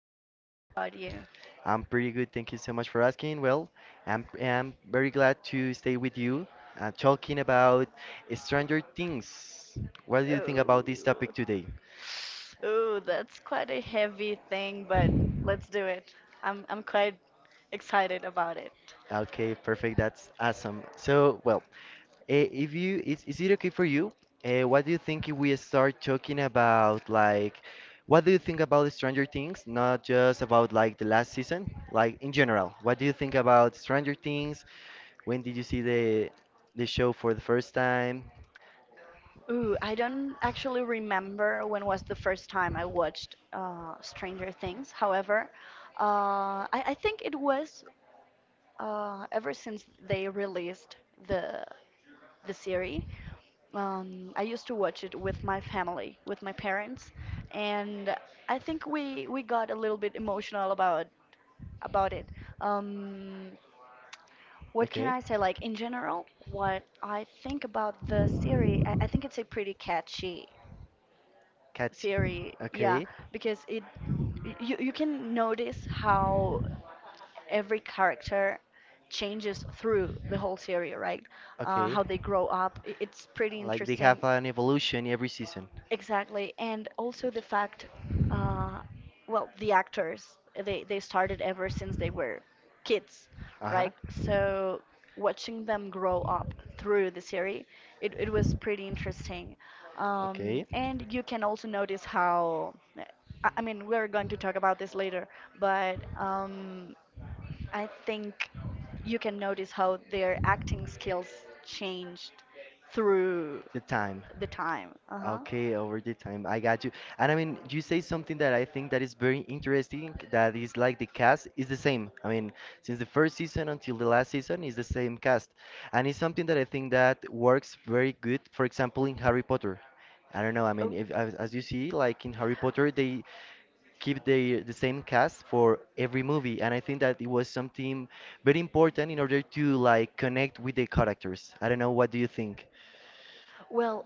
Juan. How about you? I'm pretty good, thank you so much for asking. Well, I'm very glad to stay with you talking about Stranger Things. What do you think Oh, about this topic today? oh, that's quite a heavy thing, but let's do it. I'm quite excited about it. Okay, perfect. That's awesome. So, well, eh, if you is it okay for you? What do you think if we start talking about like what do you think about Stranger Things? Not just about like the last season, like in general. What do you think about Stranger Things? When did you see the show for the first time? Ooh, I don't actually remember when was the first time I watched Stranger Things. However, I think it was ever since they released the the series. I used to watch it with my family, with my parents, and I think we got a little bit emotional about it. Um, what can Okay. I say? Like in general, what I think about the series, I think it's a pretty catchy Catch. series. Yeah, Okay. because it you you can notice how every character changes through the whole series, right? Okay. How they grow up. It's pretty Like they interesting. have an evolution every season. Exactly, and also the fact, uh, well, the actors they started ever since they were kids, Uh huh. right? So watching them grow up through the series, it was pretty interesting. Okay. And you can also notice how, I mean, we're going to talk about this later, but I think you can notice how their acting skills changed through The time. the time. Uh-huh. Okay, over the time. I got you. And I mean, you say something that I think that is very interesting, that is like the cast is the same. I mean, since the first season until the last season is the same cast. And it's something that I think that works very good, for example, in Harry Potter. I don't know, I Oh. mean, if as you see, like in Harry Potter, they keep the same cast for every movie, and I think that it was something very important in order to like connect with the characters. I don't know, what do you think? Well,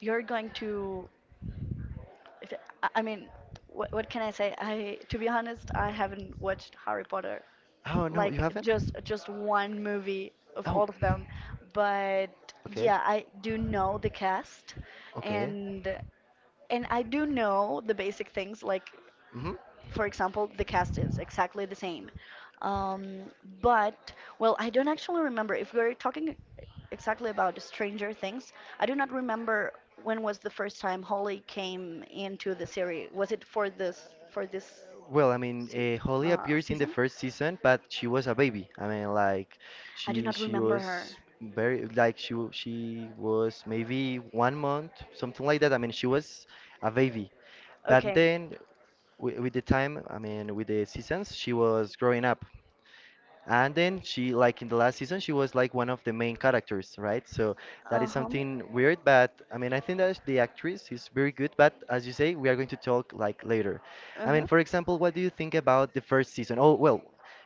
you're going to. if- I mean, what can I say? I, to be honest, I haven't watched Harry Potter, Oh, no, you like haven't. just one movie of Oh. all of them. But Okay. yeah, I do know the cast, Okay. and I do know the basic things like Hmm. for example, the cast is exactly the same. Um, but, well, I don't actually remember. If we're talking exactly about Stranger Things, I do not remember when was the first time Holly came into the series. Was it for this Well, I mean, se Holly appears in the season? first season, but she was a baby. I mean, like I do she not she remember was her. very like she was maybe 1 month something like that. I mean, she was a baby. But Okay. then with the time, I mean, with the seasons, she was growing up. And then she, like in the last season, she was like one of the main characters, right? So that is Uh-huh. something weird, but I mean, I think that the actress is very good, but as you say, we are going to talk like later. I mean, Uh-huh. for example, what do you think about the first season? Oh, well,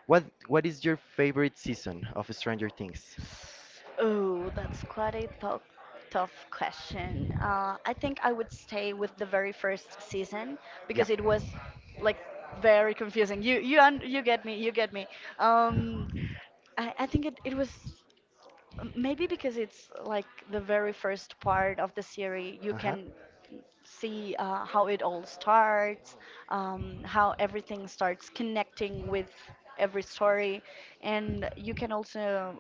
what is your favorite season of Stranger Things? Oh, that's quite a tough question. I think I would stay with the very first season Yeah, because it was like very confusing. You get me, you get me. Um, I think it was. Maybe because it's like the very first part of the series, you uh-huh. can see how it all starts, how everything starts connecting with every story, and you can also,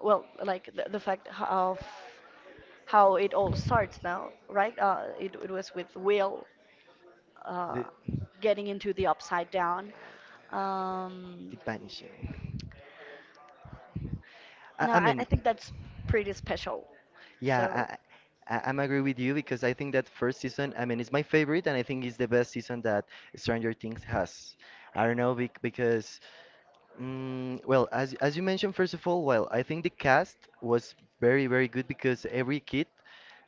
well, like the fact of how it all starts now, right? It was with Will uh, The, getting into the upside down. Um, the Vanishing. I, no, I I mean, think that's pretty special. So. Yeah, I'm agree with you because I think that first season, I mean, it's my favorite, and I think it's the best season that Stranger Things has. I don't know because, well, as you mentioned, first of all, well, I think the cast was very good because every kid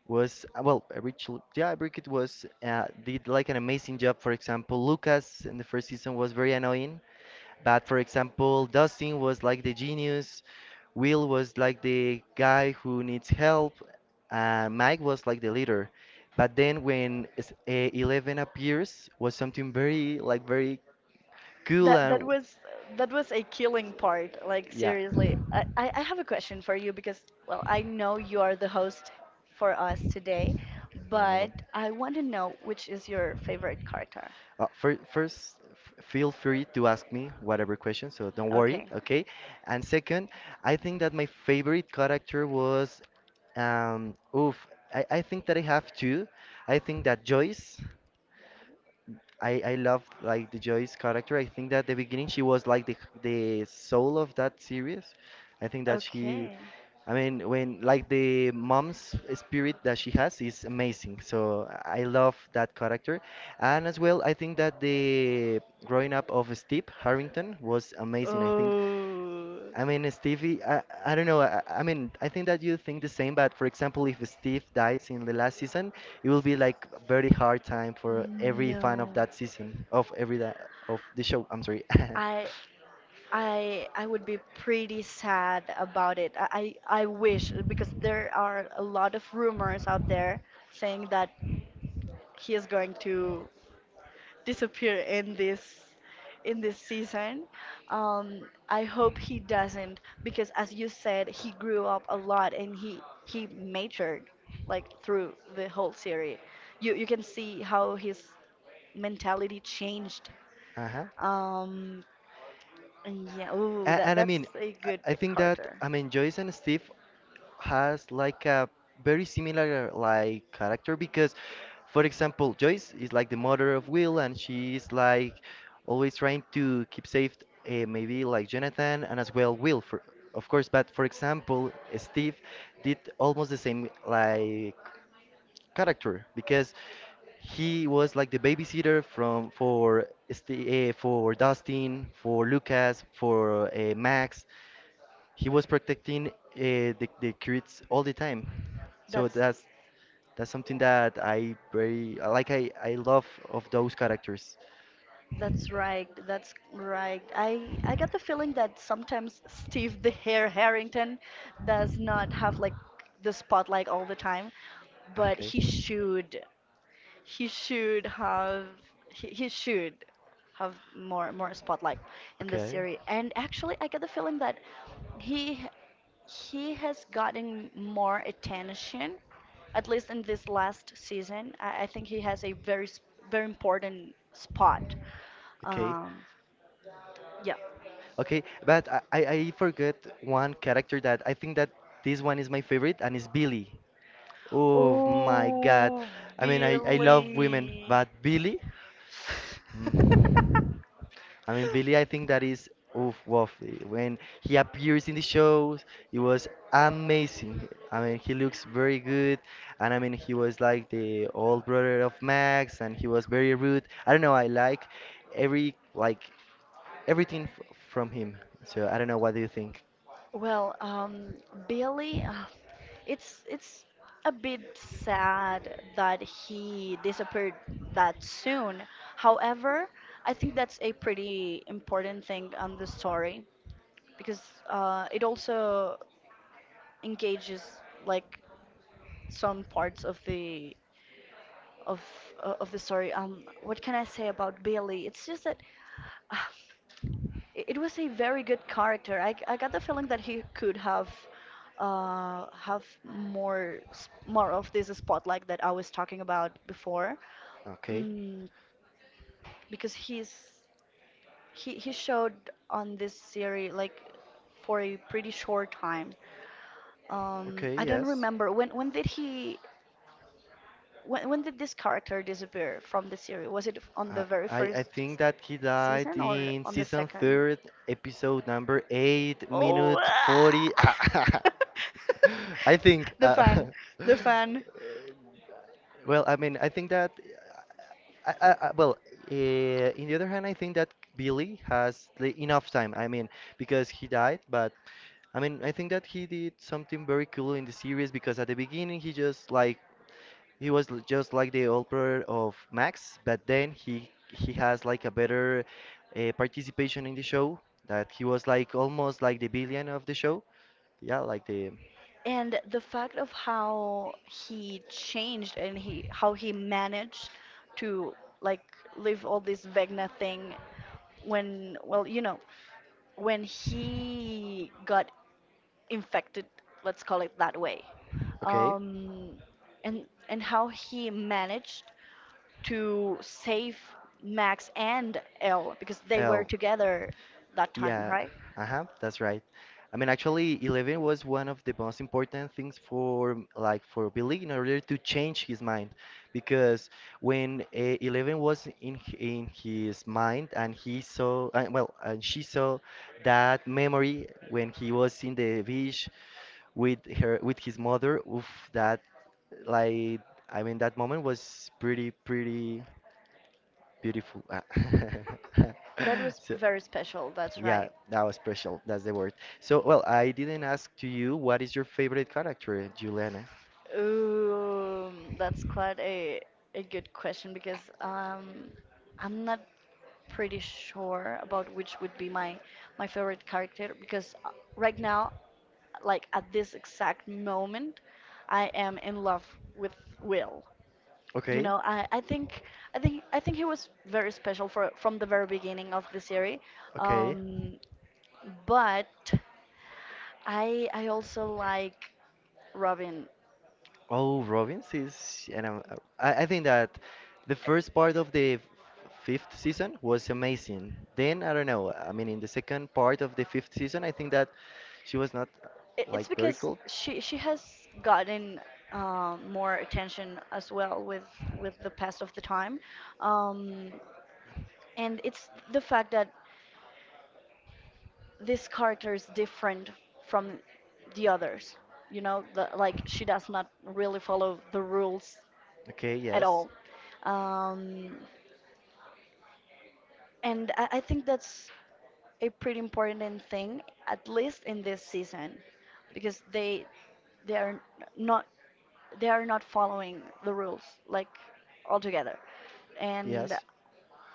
was well, every chil yeah, every kid was did like an amazing job. For example, Lucas in the first season was very annoying, but for example, Dustin was like the genius, Will was like the guy who needs help, and Mike was like the leader. But then when Eleven appears, was something very like very cool That and was that was a killing part. Like yeah. seriously, I have a question for you because well I know you are the host for us today, No, no, no. but I want to know which is your favorite character. First, feel free to ask me whatever question, so don't worry, Okay. okay? And second, I think that my favorite character was oof. I think that I have two. I think that Joyce. I loved like the Joy's character. I think that the beginning she was like the soul of that series. I think that she, Okay. I mean, when like the mom's spirit that she has is amazing. So I love that character, and as well I think that the growing up of Steve Harrington was amazing. I think Oh I mean, Stevie. I don't know. I mean, I think that you think the same, but for example, if Steve dies in the last season, it will be like a very hard time for every fan of no. that season, of every that, of the show. I'm sorry. I I would be pretty sad about it. I wish because there are a lot of rumors out there saying that he is going to disappear in this season. I hope he doesn't because as you said, he grew up a lot and he matured like through the whole series. You can see how his mentality changed. Uh-huh. Um, and yeah, ooh, And, and I that's mean, a good I think that character. I mean Joyce and Steve has like a very similar like character because, for example, Joyce is like the mother of Will and she is like always trying to keep safe, maybe like Jonathan and as well Will for of course. But for example, Steve did almost the same like character because he was like the babysitter for Dustin, for Lucas, for Max. He was protecting the kids all the time. So That's that's something that I very like. I love of those characters. That's right. That's right. I got the feeling that sometimes Steve the Hare Harrington does not have like the spotlight all the time, but Okay, he should. He should have he should have more spotlight in the okay, series. And actually, I get the feeling that he he has gotten more attention, at least in this last season. I think he has a very important spot. okay, Um, yeah. okay. But I forgot one character that I think that this one is my favorite, and it's Billy. Oh my God. Oh, I mean, I love women, Billy. but Billy? Mm. I mean, Billy, I think that is oof, woof. When he appears in the shows, it was amazing. I mean, he looks very good, and I mean, he was like the old brother of Max, and he was very rude. I don't know, I like every like everything f from him. So I don't know, what do you think? Well, Billy, it's a bit sad that he disappeared that soon. However, I think that's a pretty important thing on the story because it also engages like some parts of of the story. What can I say about Billy? It's just that. uh, it was a very good character. I got the feeling that he could have more of this spotlight that I was talking about before, Okay, mm, because he showed on this series like for a pretty short time. Okay, I don't yes. remember when did this character disappear from the series? Was it on I, the I I think that he died season or in on the season second? third, episode number 8, Oh, minute 40. ah. I think. the fan, the fan, well, I mean, I think that. Well, in the other hand, I think that Billy has the enough time. I mean, because he died, but I mean, I think that he did something very cool in the series because at the beginning he just like just like the helper of Max, but then he has like a better participation in the show. That he was like almost like the villain of the show. Yeah, like the and the fact of how he changed and he how he managed to like live all this Vegna thing when well you know when he got infected, let's call it that way, okay. um, and how he managed to save Max and Elle because they were together that time, Yeah, right? uh-huh, that's right. I mean, actually, Eleven was one of the most important things for Billy in order to change his mind, because when Eleven was in in his mind and he saw well and she saw that memory when he was in the beach with her with his mother, oof, that like I mean that moment was pretty beautiful. That was So, very special. That's yeah, right. that was special. That's the word. So, well, I didn't ask to you what is your favorite character, Juliana. That's quite a good question because I'm not pretty sure about which would be my favorite character because right now, like at this exact moment, I am in love with Will. You Okay, know, I think he was very special for from the very beginning of the series, okay. um, but I also like Robin. Oh, Robbins is, I think that the first part of the fifth season was amazing. Then I don't know. I mean, in the second part of the fifth season, I think that she was not like It's very because cool. she has gotten more attention as well with the pass of the time, um, and it's the fact that this character is different from the others. You know, like she does not really follow the rules Okay, at yes, all. Um, and I think that's a pretty important thing, at least in this season, because they are not they are not following the rules like altogether. And yes.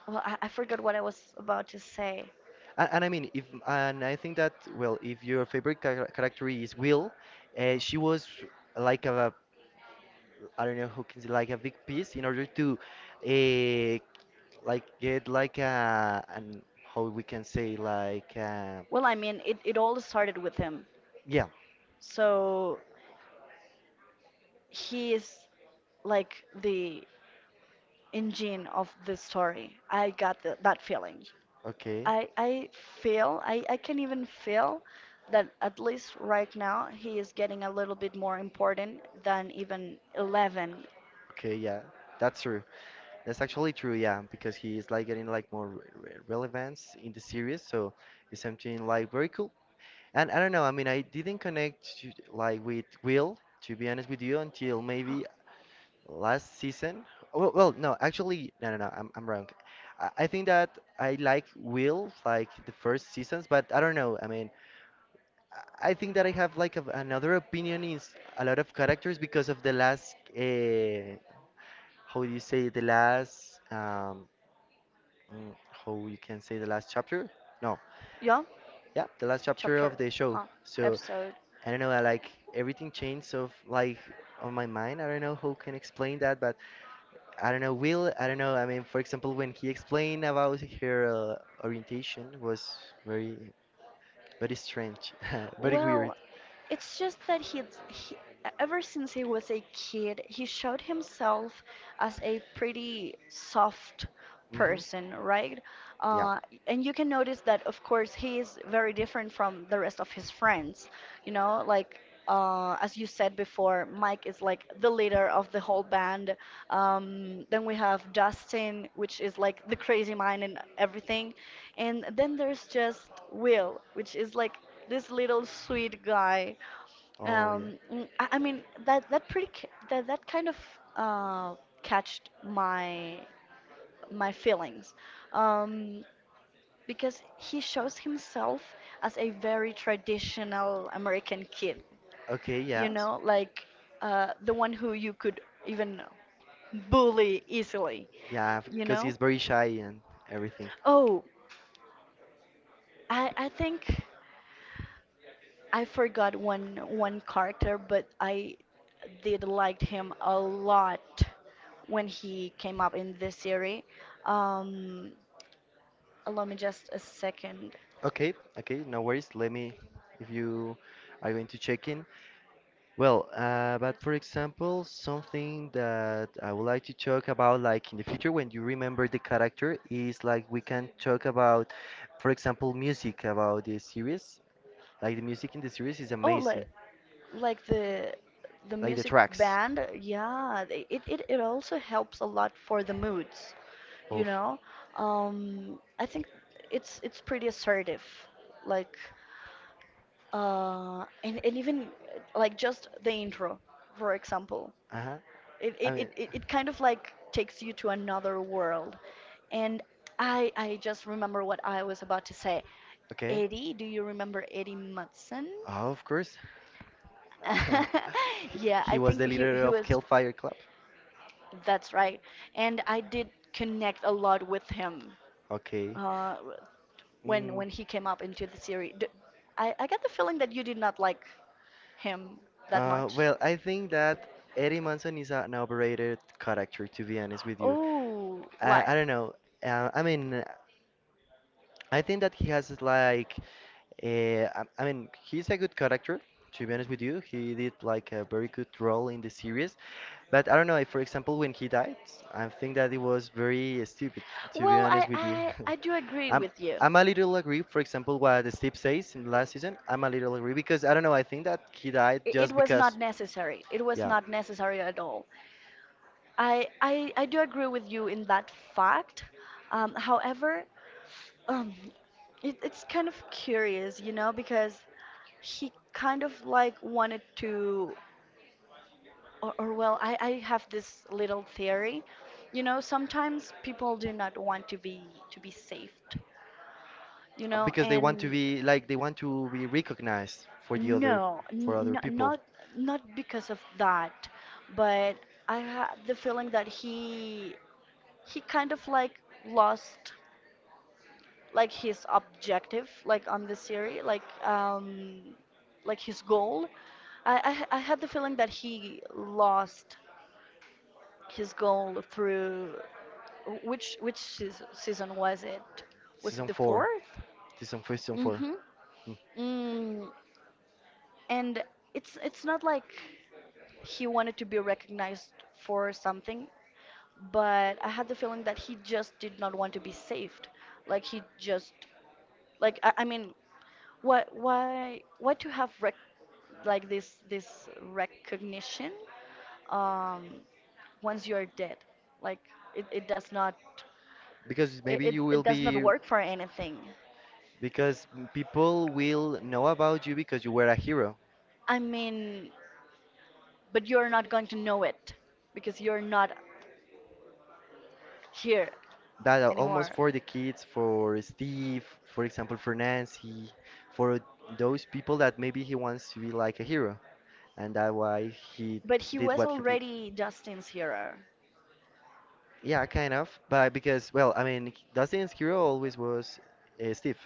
well, I forgot what I was about to say. And I mean, if and I think that well, if your favorite character is Will, she was like a I don't know who can like a big piece in order to uh, like get like a and how we can say like Well, I mean, it all started with him. yeah, So he is like the engine of the story. I got that feeling. okay, I I I can even feel that at least right now he is getting a little bit more important than even eleven. okay, yeah, that's true, that's actually true, yeah, because he is like getting like more re re relevance in the series, so it's something like very cool. And I don't know, I mean, I didn't connect to, like with Will, to be honest with you, until maybe last season. Well, well, no, actually, no, no, no, I'm wrong. I think that I like Will like the first seasons, but I don't know. I mean, I think that I have like another opinion is a lot of characters because of the last, how do you say, the last, how you can say the last chapter? No, Yeah, yeah, the last chapter chapter, of the show. huh? So Episode. I don't know. I like everything changed of like on my mind. I don't know how can explain that, but. I don't know, Will, I don't know. I mean, for example, when he explained about her orientation was very, very strange, very weird. Well, it's just that he, ever since he was a kid, he showed himself as a pretty soft Hmm. person, right? Yeah. Uh, and you can notice that, of course, he is very different from the rest of his friends. You know, like as you said before, Mike is like the leader of the whole band. Then we have Dustin, which is like the crazy mind and everything. And then there's just Will, which is like this little sweet guy. Oh, yeah. I mean that that kind of uh, catched my feelings, um, because he shows himself as a very traditional American kid. Okay, You yes. know, like the one who you could even bully easily. Yeah, You because know. he's very shy and everything. Oh, I think. I forgot one character, but I did liked him a lot when he came up in this series. Um, Allow me just a second. Okay, okay, no worries. Let me, if you are going to check in, well, but for example, something that I would like to talk about, like in the future, when you remember the character, is like we can talk about, for example, music about the series. Like the music in the series is Oh, amazing, like the like the music tracks band, yeah. It also helps a lot for the moods, you of. know. I think it's pretty assertive, like and even like just the intro, for example. Uh-huh. I mean, It kind of like takes you to another world. And I just remember what I was about to say. okay. Eddie, do you remember Eddie Munson? Oh, of course. he, Yeah, I he was think the he leader he of was, Hellfire Club. that's right. And I did connect a lot with him, Okay. uh, Mm, when he came up into the series. D I got the feeling that you did not like him that much. well, I think that Eddie Munson is an overrated character, to be honest with you. Oh, I, why? I don't know. I mean, I think that he has like, I mean, he's a good character, to be honest with you. He did like a very good role in the series. But I don't know, if, for example, when he died, I think that it was very stupid, to be Well, honest with you. I do agree I'm, with you. I'm a little agree, for example, what Steve says in the last season. I'm a little agree because I don't know, I think that he died It just was not because, necessary. It was yeah. not necessary at all. I do agree with you in that fact. However, um, it's kind of curious, you know, because he kind of like wanted to, or well, I have this little theory, you know, sometimes people do not want to be saved, you know, Because and they want to be recognized for the other no, for other people. not not because of that, but I had the feeling that he kind of like lost like his objective like on the series like his goal. I had the feeling that he lost his goal through season was it? Was it Season the four, fourth? season four, season four. Mm-hmm. Mm. Mm, and it's not like he wanted to be recognized for something, but I had the feeling that he just did not want to be saved. Like he just like I mean, what why to have like this recognition um once you're dead? Like it does not Because maybe you will it does not be work for anything. because people will know about you because you were a hero. I mean, but you're not going to know it because you're not here That are almost anymore. for the kids, for Steve, for example, for Nancy, for those people that maybe he wants to be like a hero, and that's why he But he did was what he did. already Justin's hero. Yeah, kind of, but because well, I mean, Dustin's hero always was Steve.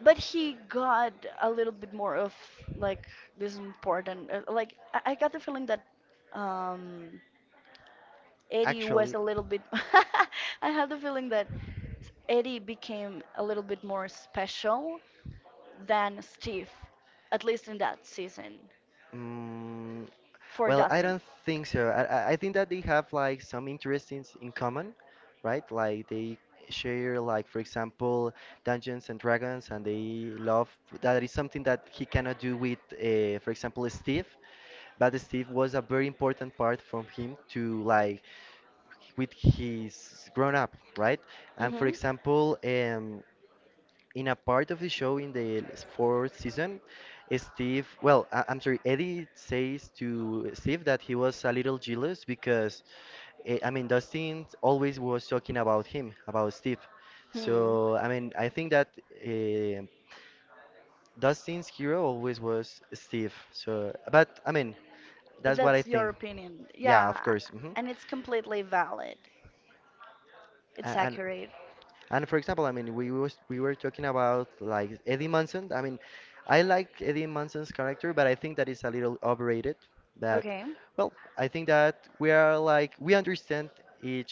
But he got a little bit more of like this important, like I got the feeling that um Eddie was a Actually, little bit I had the feeling that Eddie became a little bit more special than Steve, at least in that season, Mm, for well, I Dustin. don't think so. I think that they have like some interests in common, right? Like they share like for example Dungeons and Dragons and they love that is something that he cannot do with for example Steve, but Steve was a very important part from him to like with his grown up, right? And for Mhm. example, in a part of the show in the fourth season, Steve, well, I, I'm sorry, Eddie says to Steve that he was a little jealous because, I mean, Dustin always was talking about him, about Steve. Hmm. So, I mean, I think that uh, Dustin's hero always was Steve. So, but I mean, that's what I That's your think. opinion, Yeah, of yeah, course. And it's completely valid. It's And accurate. And for example, I mean, we were talking about like Eddie Munson. I mean, I like Eddie Munson's character, but I think that is a little overrated. That, Okay. well, I think that we are like we understand each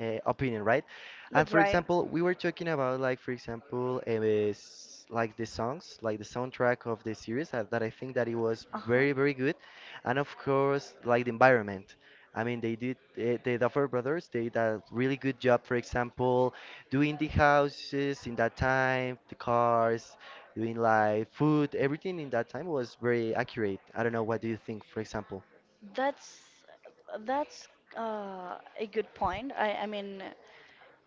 opinion, right? And That's for right. example, we were talking about like for example, like the songs, like the soundtrack of the series that I think that it was very very Uh-huh. good, and of course like the environment. I mean, they did, the Duffer Brothers, they did a really good job, for example, doing the houses in that time, the cars, doing like food, everything in that time was very accurate. I don't know what do you think, for example, That's that's a good point. I mean,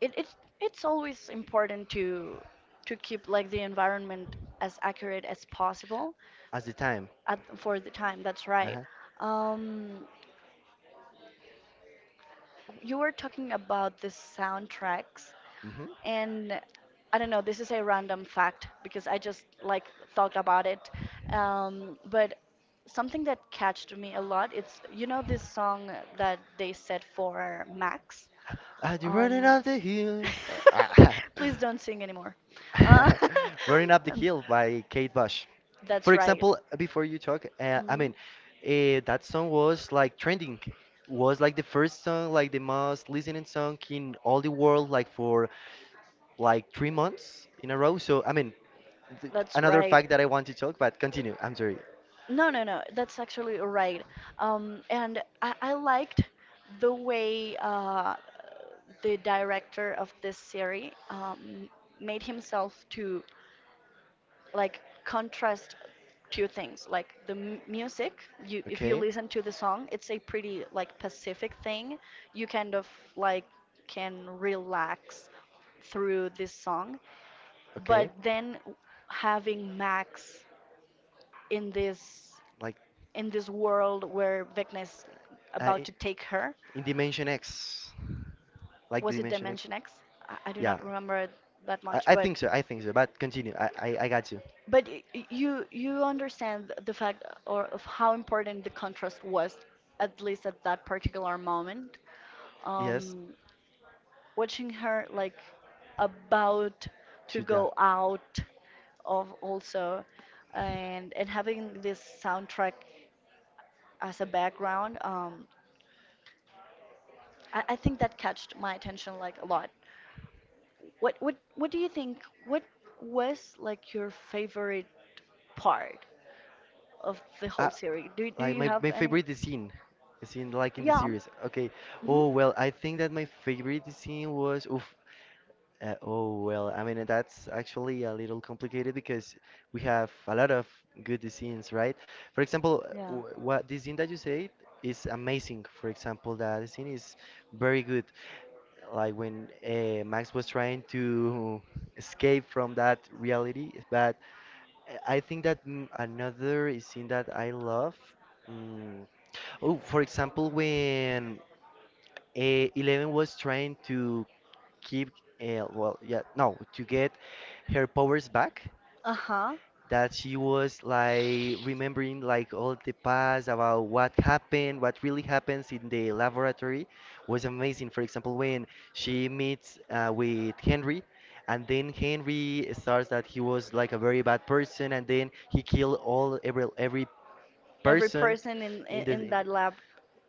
it, it it's always important to keep like the environment as accurate as possible as the time. at, for the time. That's right. Uh-huh. Um, you were talking about the soundtracks, hmm and I don't know. This is a random fact because I just like thought about it. But something that catched me a lot. It's, you know, this song that they said for Max. Are you running Um, up the hill? Uh, ah. please don't sing anymore. Uh, Running Up the um, Hill by Kate Bush. For that's right. example, before you talk, I Mhm. mean, that song was like trending, was like the first song, like the most listening song in all the world, like for like 3 months in a row. So I mean, That's another right. fact that I want to talk, but continue. I'm sorry. No, no, no. That's actually right. And I liked the way the director of this series, made himself to like contrast two things like the music. You, if you Okay, listen to the song, it's a pretty like pacific thing. You kind of like can relax through this song. But okay. then having Max in this Like in this world where Vecna's uh, about i- to take her. in Dimension X, like the Was it Dimension X. Dimension X? I do Yeah, not remember that much. I but think so. I think so. But continue. I got you. But you understand the fact or of how important the contrast was, at least at that particular moment. Yes, Um, watching her like about to Chuda. go out of also, and having this soundtrack as a background, I think that catched my attention like a lot. What do you think? What was like your favorite part of the Uh, whole series? Do like you my have my any? favorite scene, scene like in the Yeah. series. Okay. Hmm. Oh well, I think that my favorite scene was oof. I mean, that's actually a little complicated because we have a lot of good designs, right? For example, Yeah. What the design that you said is amazing. For example, that design is very good. Like when Max was trying to escape from that reality, but I think that another scene that I love. Mm, Oh, for example, when Eleven was trying to keep well yeah no to get her powers back Uh-huh. that she was like remembering like all the past about what happened what really happens in the laboratory was amazing for example when she meets with henry and then henry starts that he was like a very bad person and then he killed all every Every person person in the in in- that lab,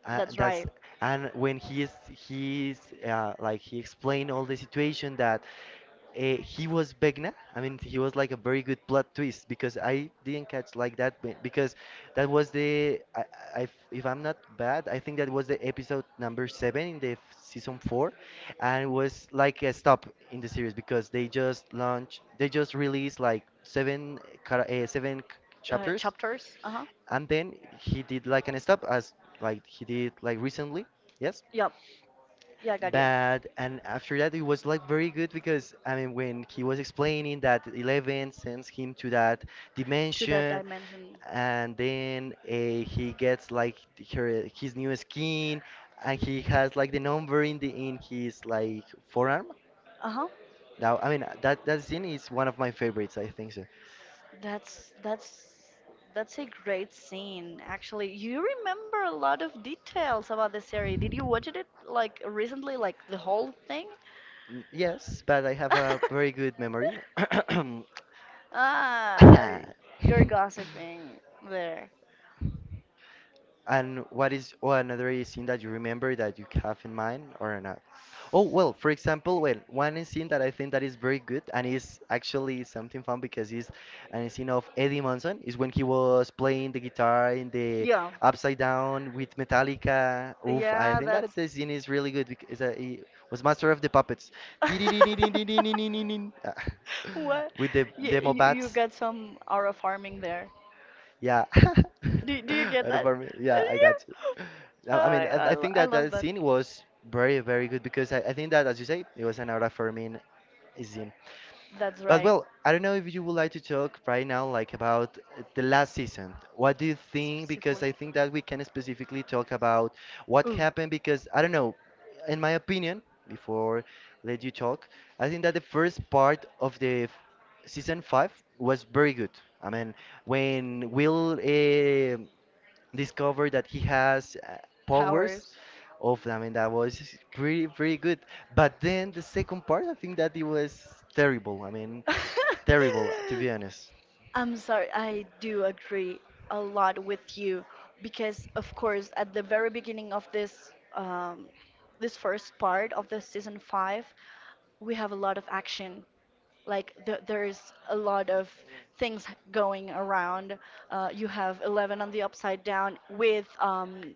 that's that's right. and when he's like he explained all the situation that he was Begna. I mean, he was like a very good plot twist because I didn't catch like that because that was the I if I'm not bad, I think that was the episode number seven in the season four, and it was like a stop in the series because they just released like seven seven chapters Chapters. Uh-huh. and then he did like an stop as like he did like recently yes Yep. Yeah, I got you. but and after that it was like very good because I mean when he was explaining that 11 sends him to that To that dimension dimension. and then he gets like his new skin and he has like the number in the in his like forearm Uh-huh. now I mean that that scene is one of my favorites I think so That's that's that's a great scene, actually. You remember a lot of details about the series. Did you watch it like recently, like the whole thing? Yes, but I have a very good memory. Ah, you're gossiping there. And what is oh, another scene that you remember that you have in mind or not? Oh, well, for example, well, one scene that I think that is very good and is actually something fun because it's an scene of Eddie Munson is when he was playing the guitar in the Yeah, Upside Down with Metallica. Oof, I yeah, think that that's the scene is really good because he was master of the puppets. what, With the you, demo you you bats. got some aura farming there. Yeah. Do you get And that? for me, yeah, I got you. I Yeah, I I mean, I, I think I that love that that. scene was very, very good because I think that, as you say, it was an out of Fermin scene. That's But right. well, I don't know if you would like to talk right now, like about the last season. What do you think? Because I Specifically. think that we can specifically talk about what Ooh. happened. Because I don't know, in my opinion, before let you talk, I think that the first part of the season five was very good. I mean, when Will discovered that he has powers Powers. of I mean that was pretty pretty good. But then the second part, I think that it was terrible. I mean, terrible to be honest. I'm sorry, I do agree a lot with you because, of course, at the very beginning of this this first part of the season five, we have a lot of action. Like th there's a lot of things going around. You have Eleven on the Upside Down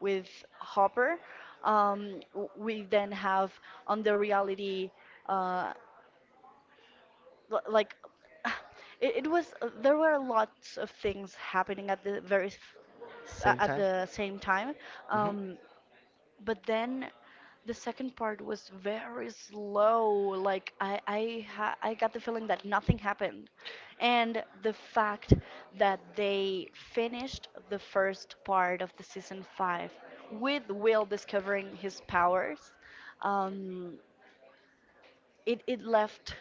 with Hopper. We then have on the reality. Uh, like it was, there were lots of things happening at the very Same a- at time. the same time. hmm Um, but then the second part was very slow. Like I got the feeling that nothing happened, and the fact that they finished the first part of the season 5 with Will discovering his powers, um, it left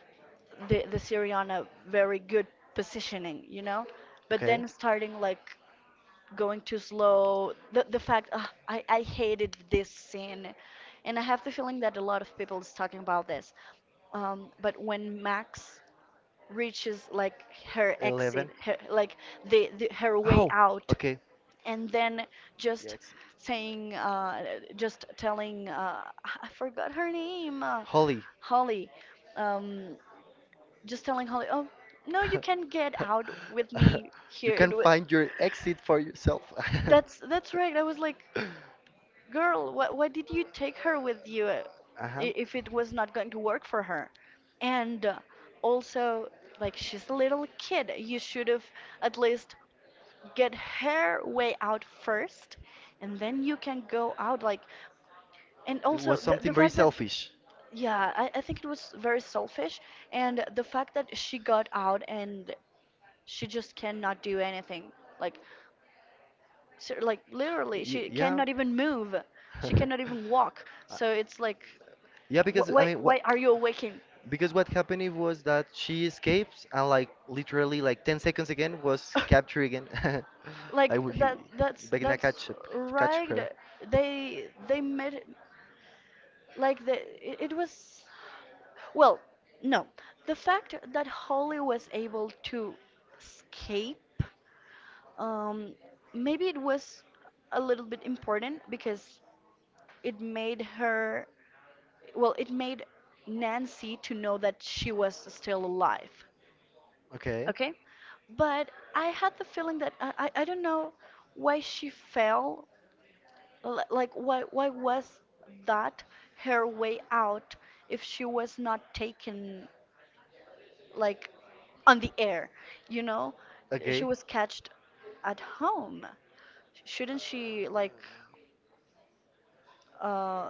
the Serie on a very good positioning, you know. But Okay. then starting like going too slow, the fact, "Ah, I hated this scene," and I have the feeling that a lot of people is talking about this. But when Max reaches like her exit, Eleven. her, like the her way Oh, out, okay. and then He just exit. saying, just telling, I forgot her name, Holly. Holly. Um, just telling Holly, "Oh, no, you can get out with me You here." can find your exit for yourself. That's right. I was like, "Girl, why did you take her with you, Uh-huh. I- if it was not going to work for her?" And also, like, she's a little kid. You should have at least get her way out first, and then you can go out. Like, and It also was the something very fact that selfish. yeah, I think it was very selfish, and the fact that she got out and she just cannot do anything, like, so, like, literally she Yeah. cannot even move, she cannot even walk, Uh, so it's like, Yeah, because I mean, what why are you awaking because what happened it was that she escapes and like literally like 10 seconds again was captured again. I like, would he that Begna that's catch her. right. They made like the it, it was, well, no, the fact that Holly was able to escape, um, maybe it was a little bit important because it made her, well, it made Nancy to know that she was still alive. Okay. Okay? But I had the feeling that I don't know why she fell. Like, why was that her way out if she was not taken, like, on the air? You know? She Okay. was catched at home. Shouldn't she, like, uh,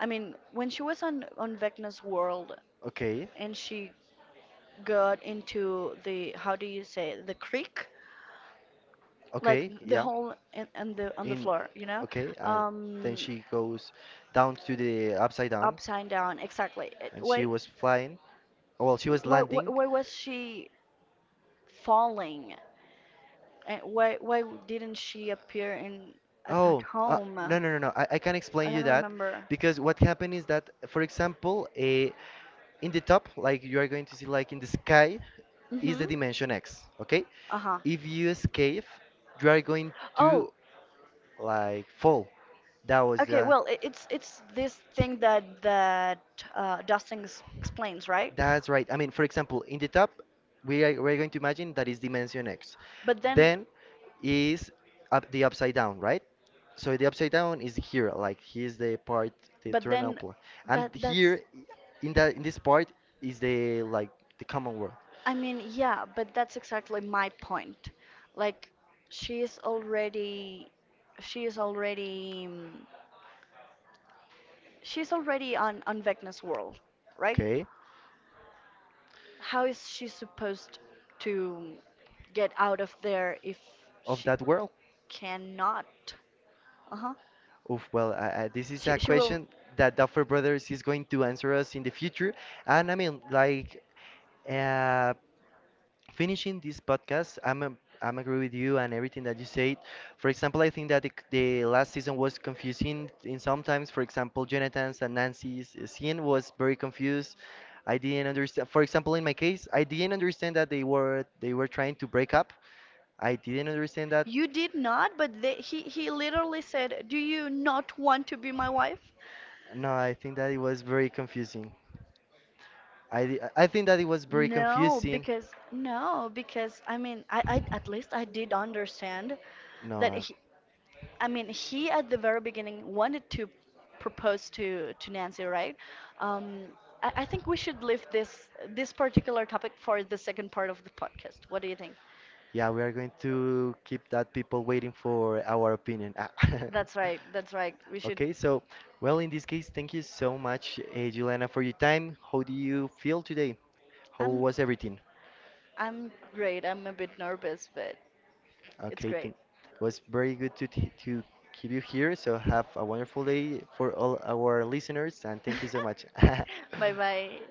I mean, when she was on Vecna's world Okay. and she got into the, how do you say it, the creek, like Okay. the Yeah. hole in the on the In floor, you know, Okay, and then um, she goes down to the upside down upside down, exactly. It- and she was flying. Well, she was landing. why was she falling? And why didn't she appear in at Oh, home? no, no, no, no. I can I explain don't you that remember. because what happened is that, for example, in the top, like you are going to see, like in the sky, is Mm-hmm. the dimension x. Okay, Uh-huh. if you escape, you are going to Oh, like fall. That was okay, the well, it's this thing that that Dustin explains, right? that's right. I mean, for example, in the top, we're going to imagine that is dimension x. But then, Then is up the upside down, right? So the upside down is here, like here's the part, the but eternal then plan. And that here, that's in that in this part is the like the common world, I mean, yeah, but that's exactly my point. Like, she is already, she is already, she's already on Vecna's world, right? okay, How is she supposed to get out of there if of she that world. cannot? Uh-huh. Oof, well, this is She a she will. question that Duffer Brothers is going to answer us in the future. And I mean, like, uh, finishing this podcast, I'm agree with you and everything that you said. For example, I think that the last season was confusing in sometimes. For example, Jonathan's and Nancy's scene was very confused. I didn't understand. For example, in my case, I didn't understand that they were trying to break up. I didn't understand that. You did not, but they, he literally said, "Do you not want to be my wife?" No, I think that it was very confusing. I think that it was very No, confusing. because no, because I mean, I at least I did understand that No. he, I mean, he at the very beginning wanted to propose to Nancy, right? Um, I think we should leave this this particular topic for the second part of the podcast. What do you think? Yeah, we are going to keep that people waiting for our opinion. Ah. That's right. That's right. We should. Okay, so, well, in this case, thank you so much, Juliana, for your time. How do you feel today? How I'm was everything? I'm great. I'm a bit nervous, but it's Okay, great. thank it was very good to t to keep you here. So have a wonderful day for all our listeners, and thank you so much. bye bye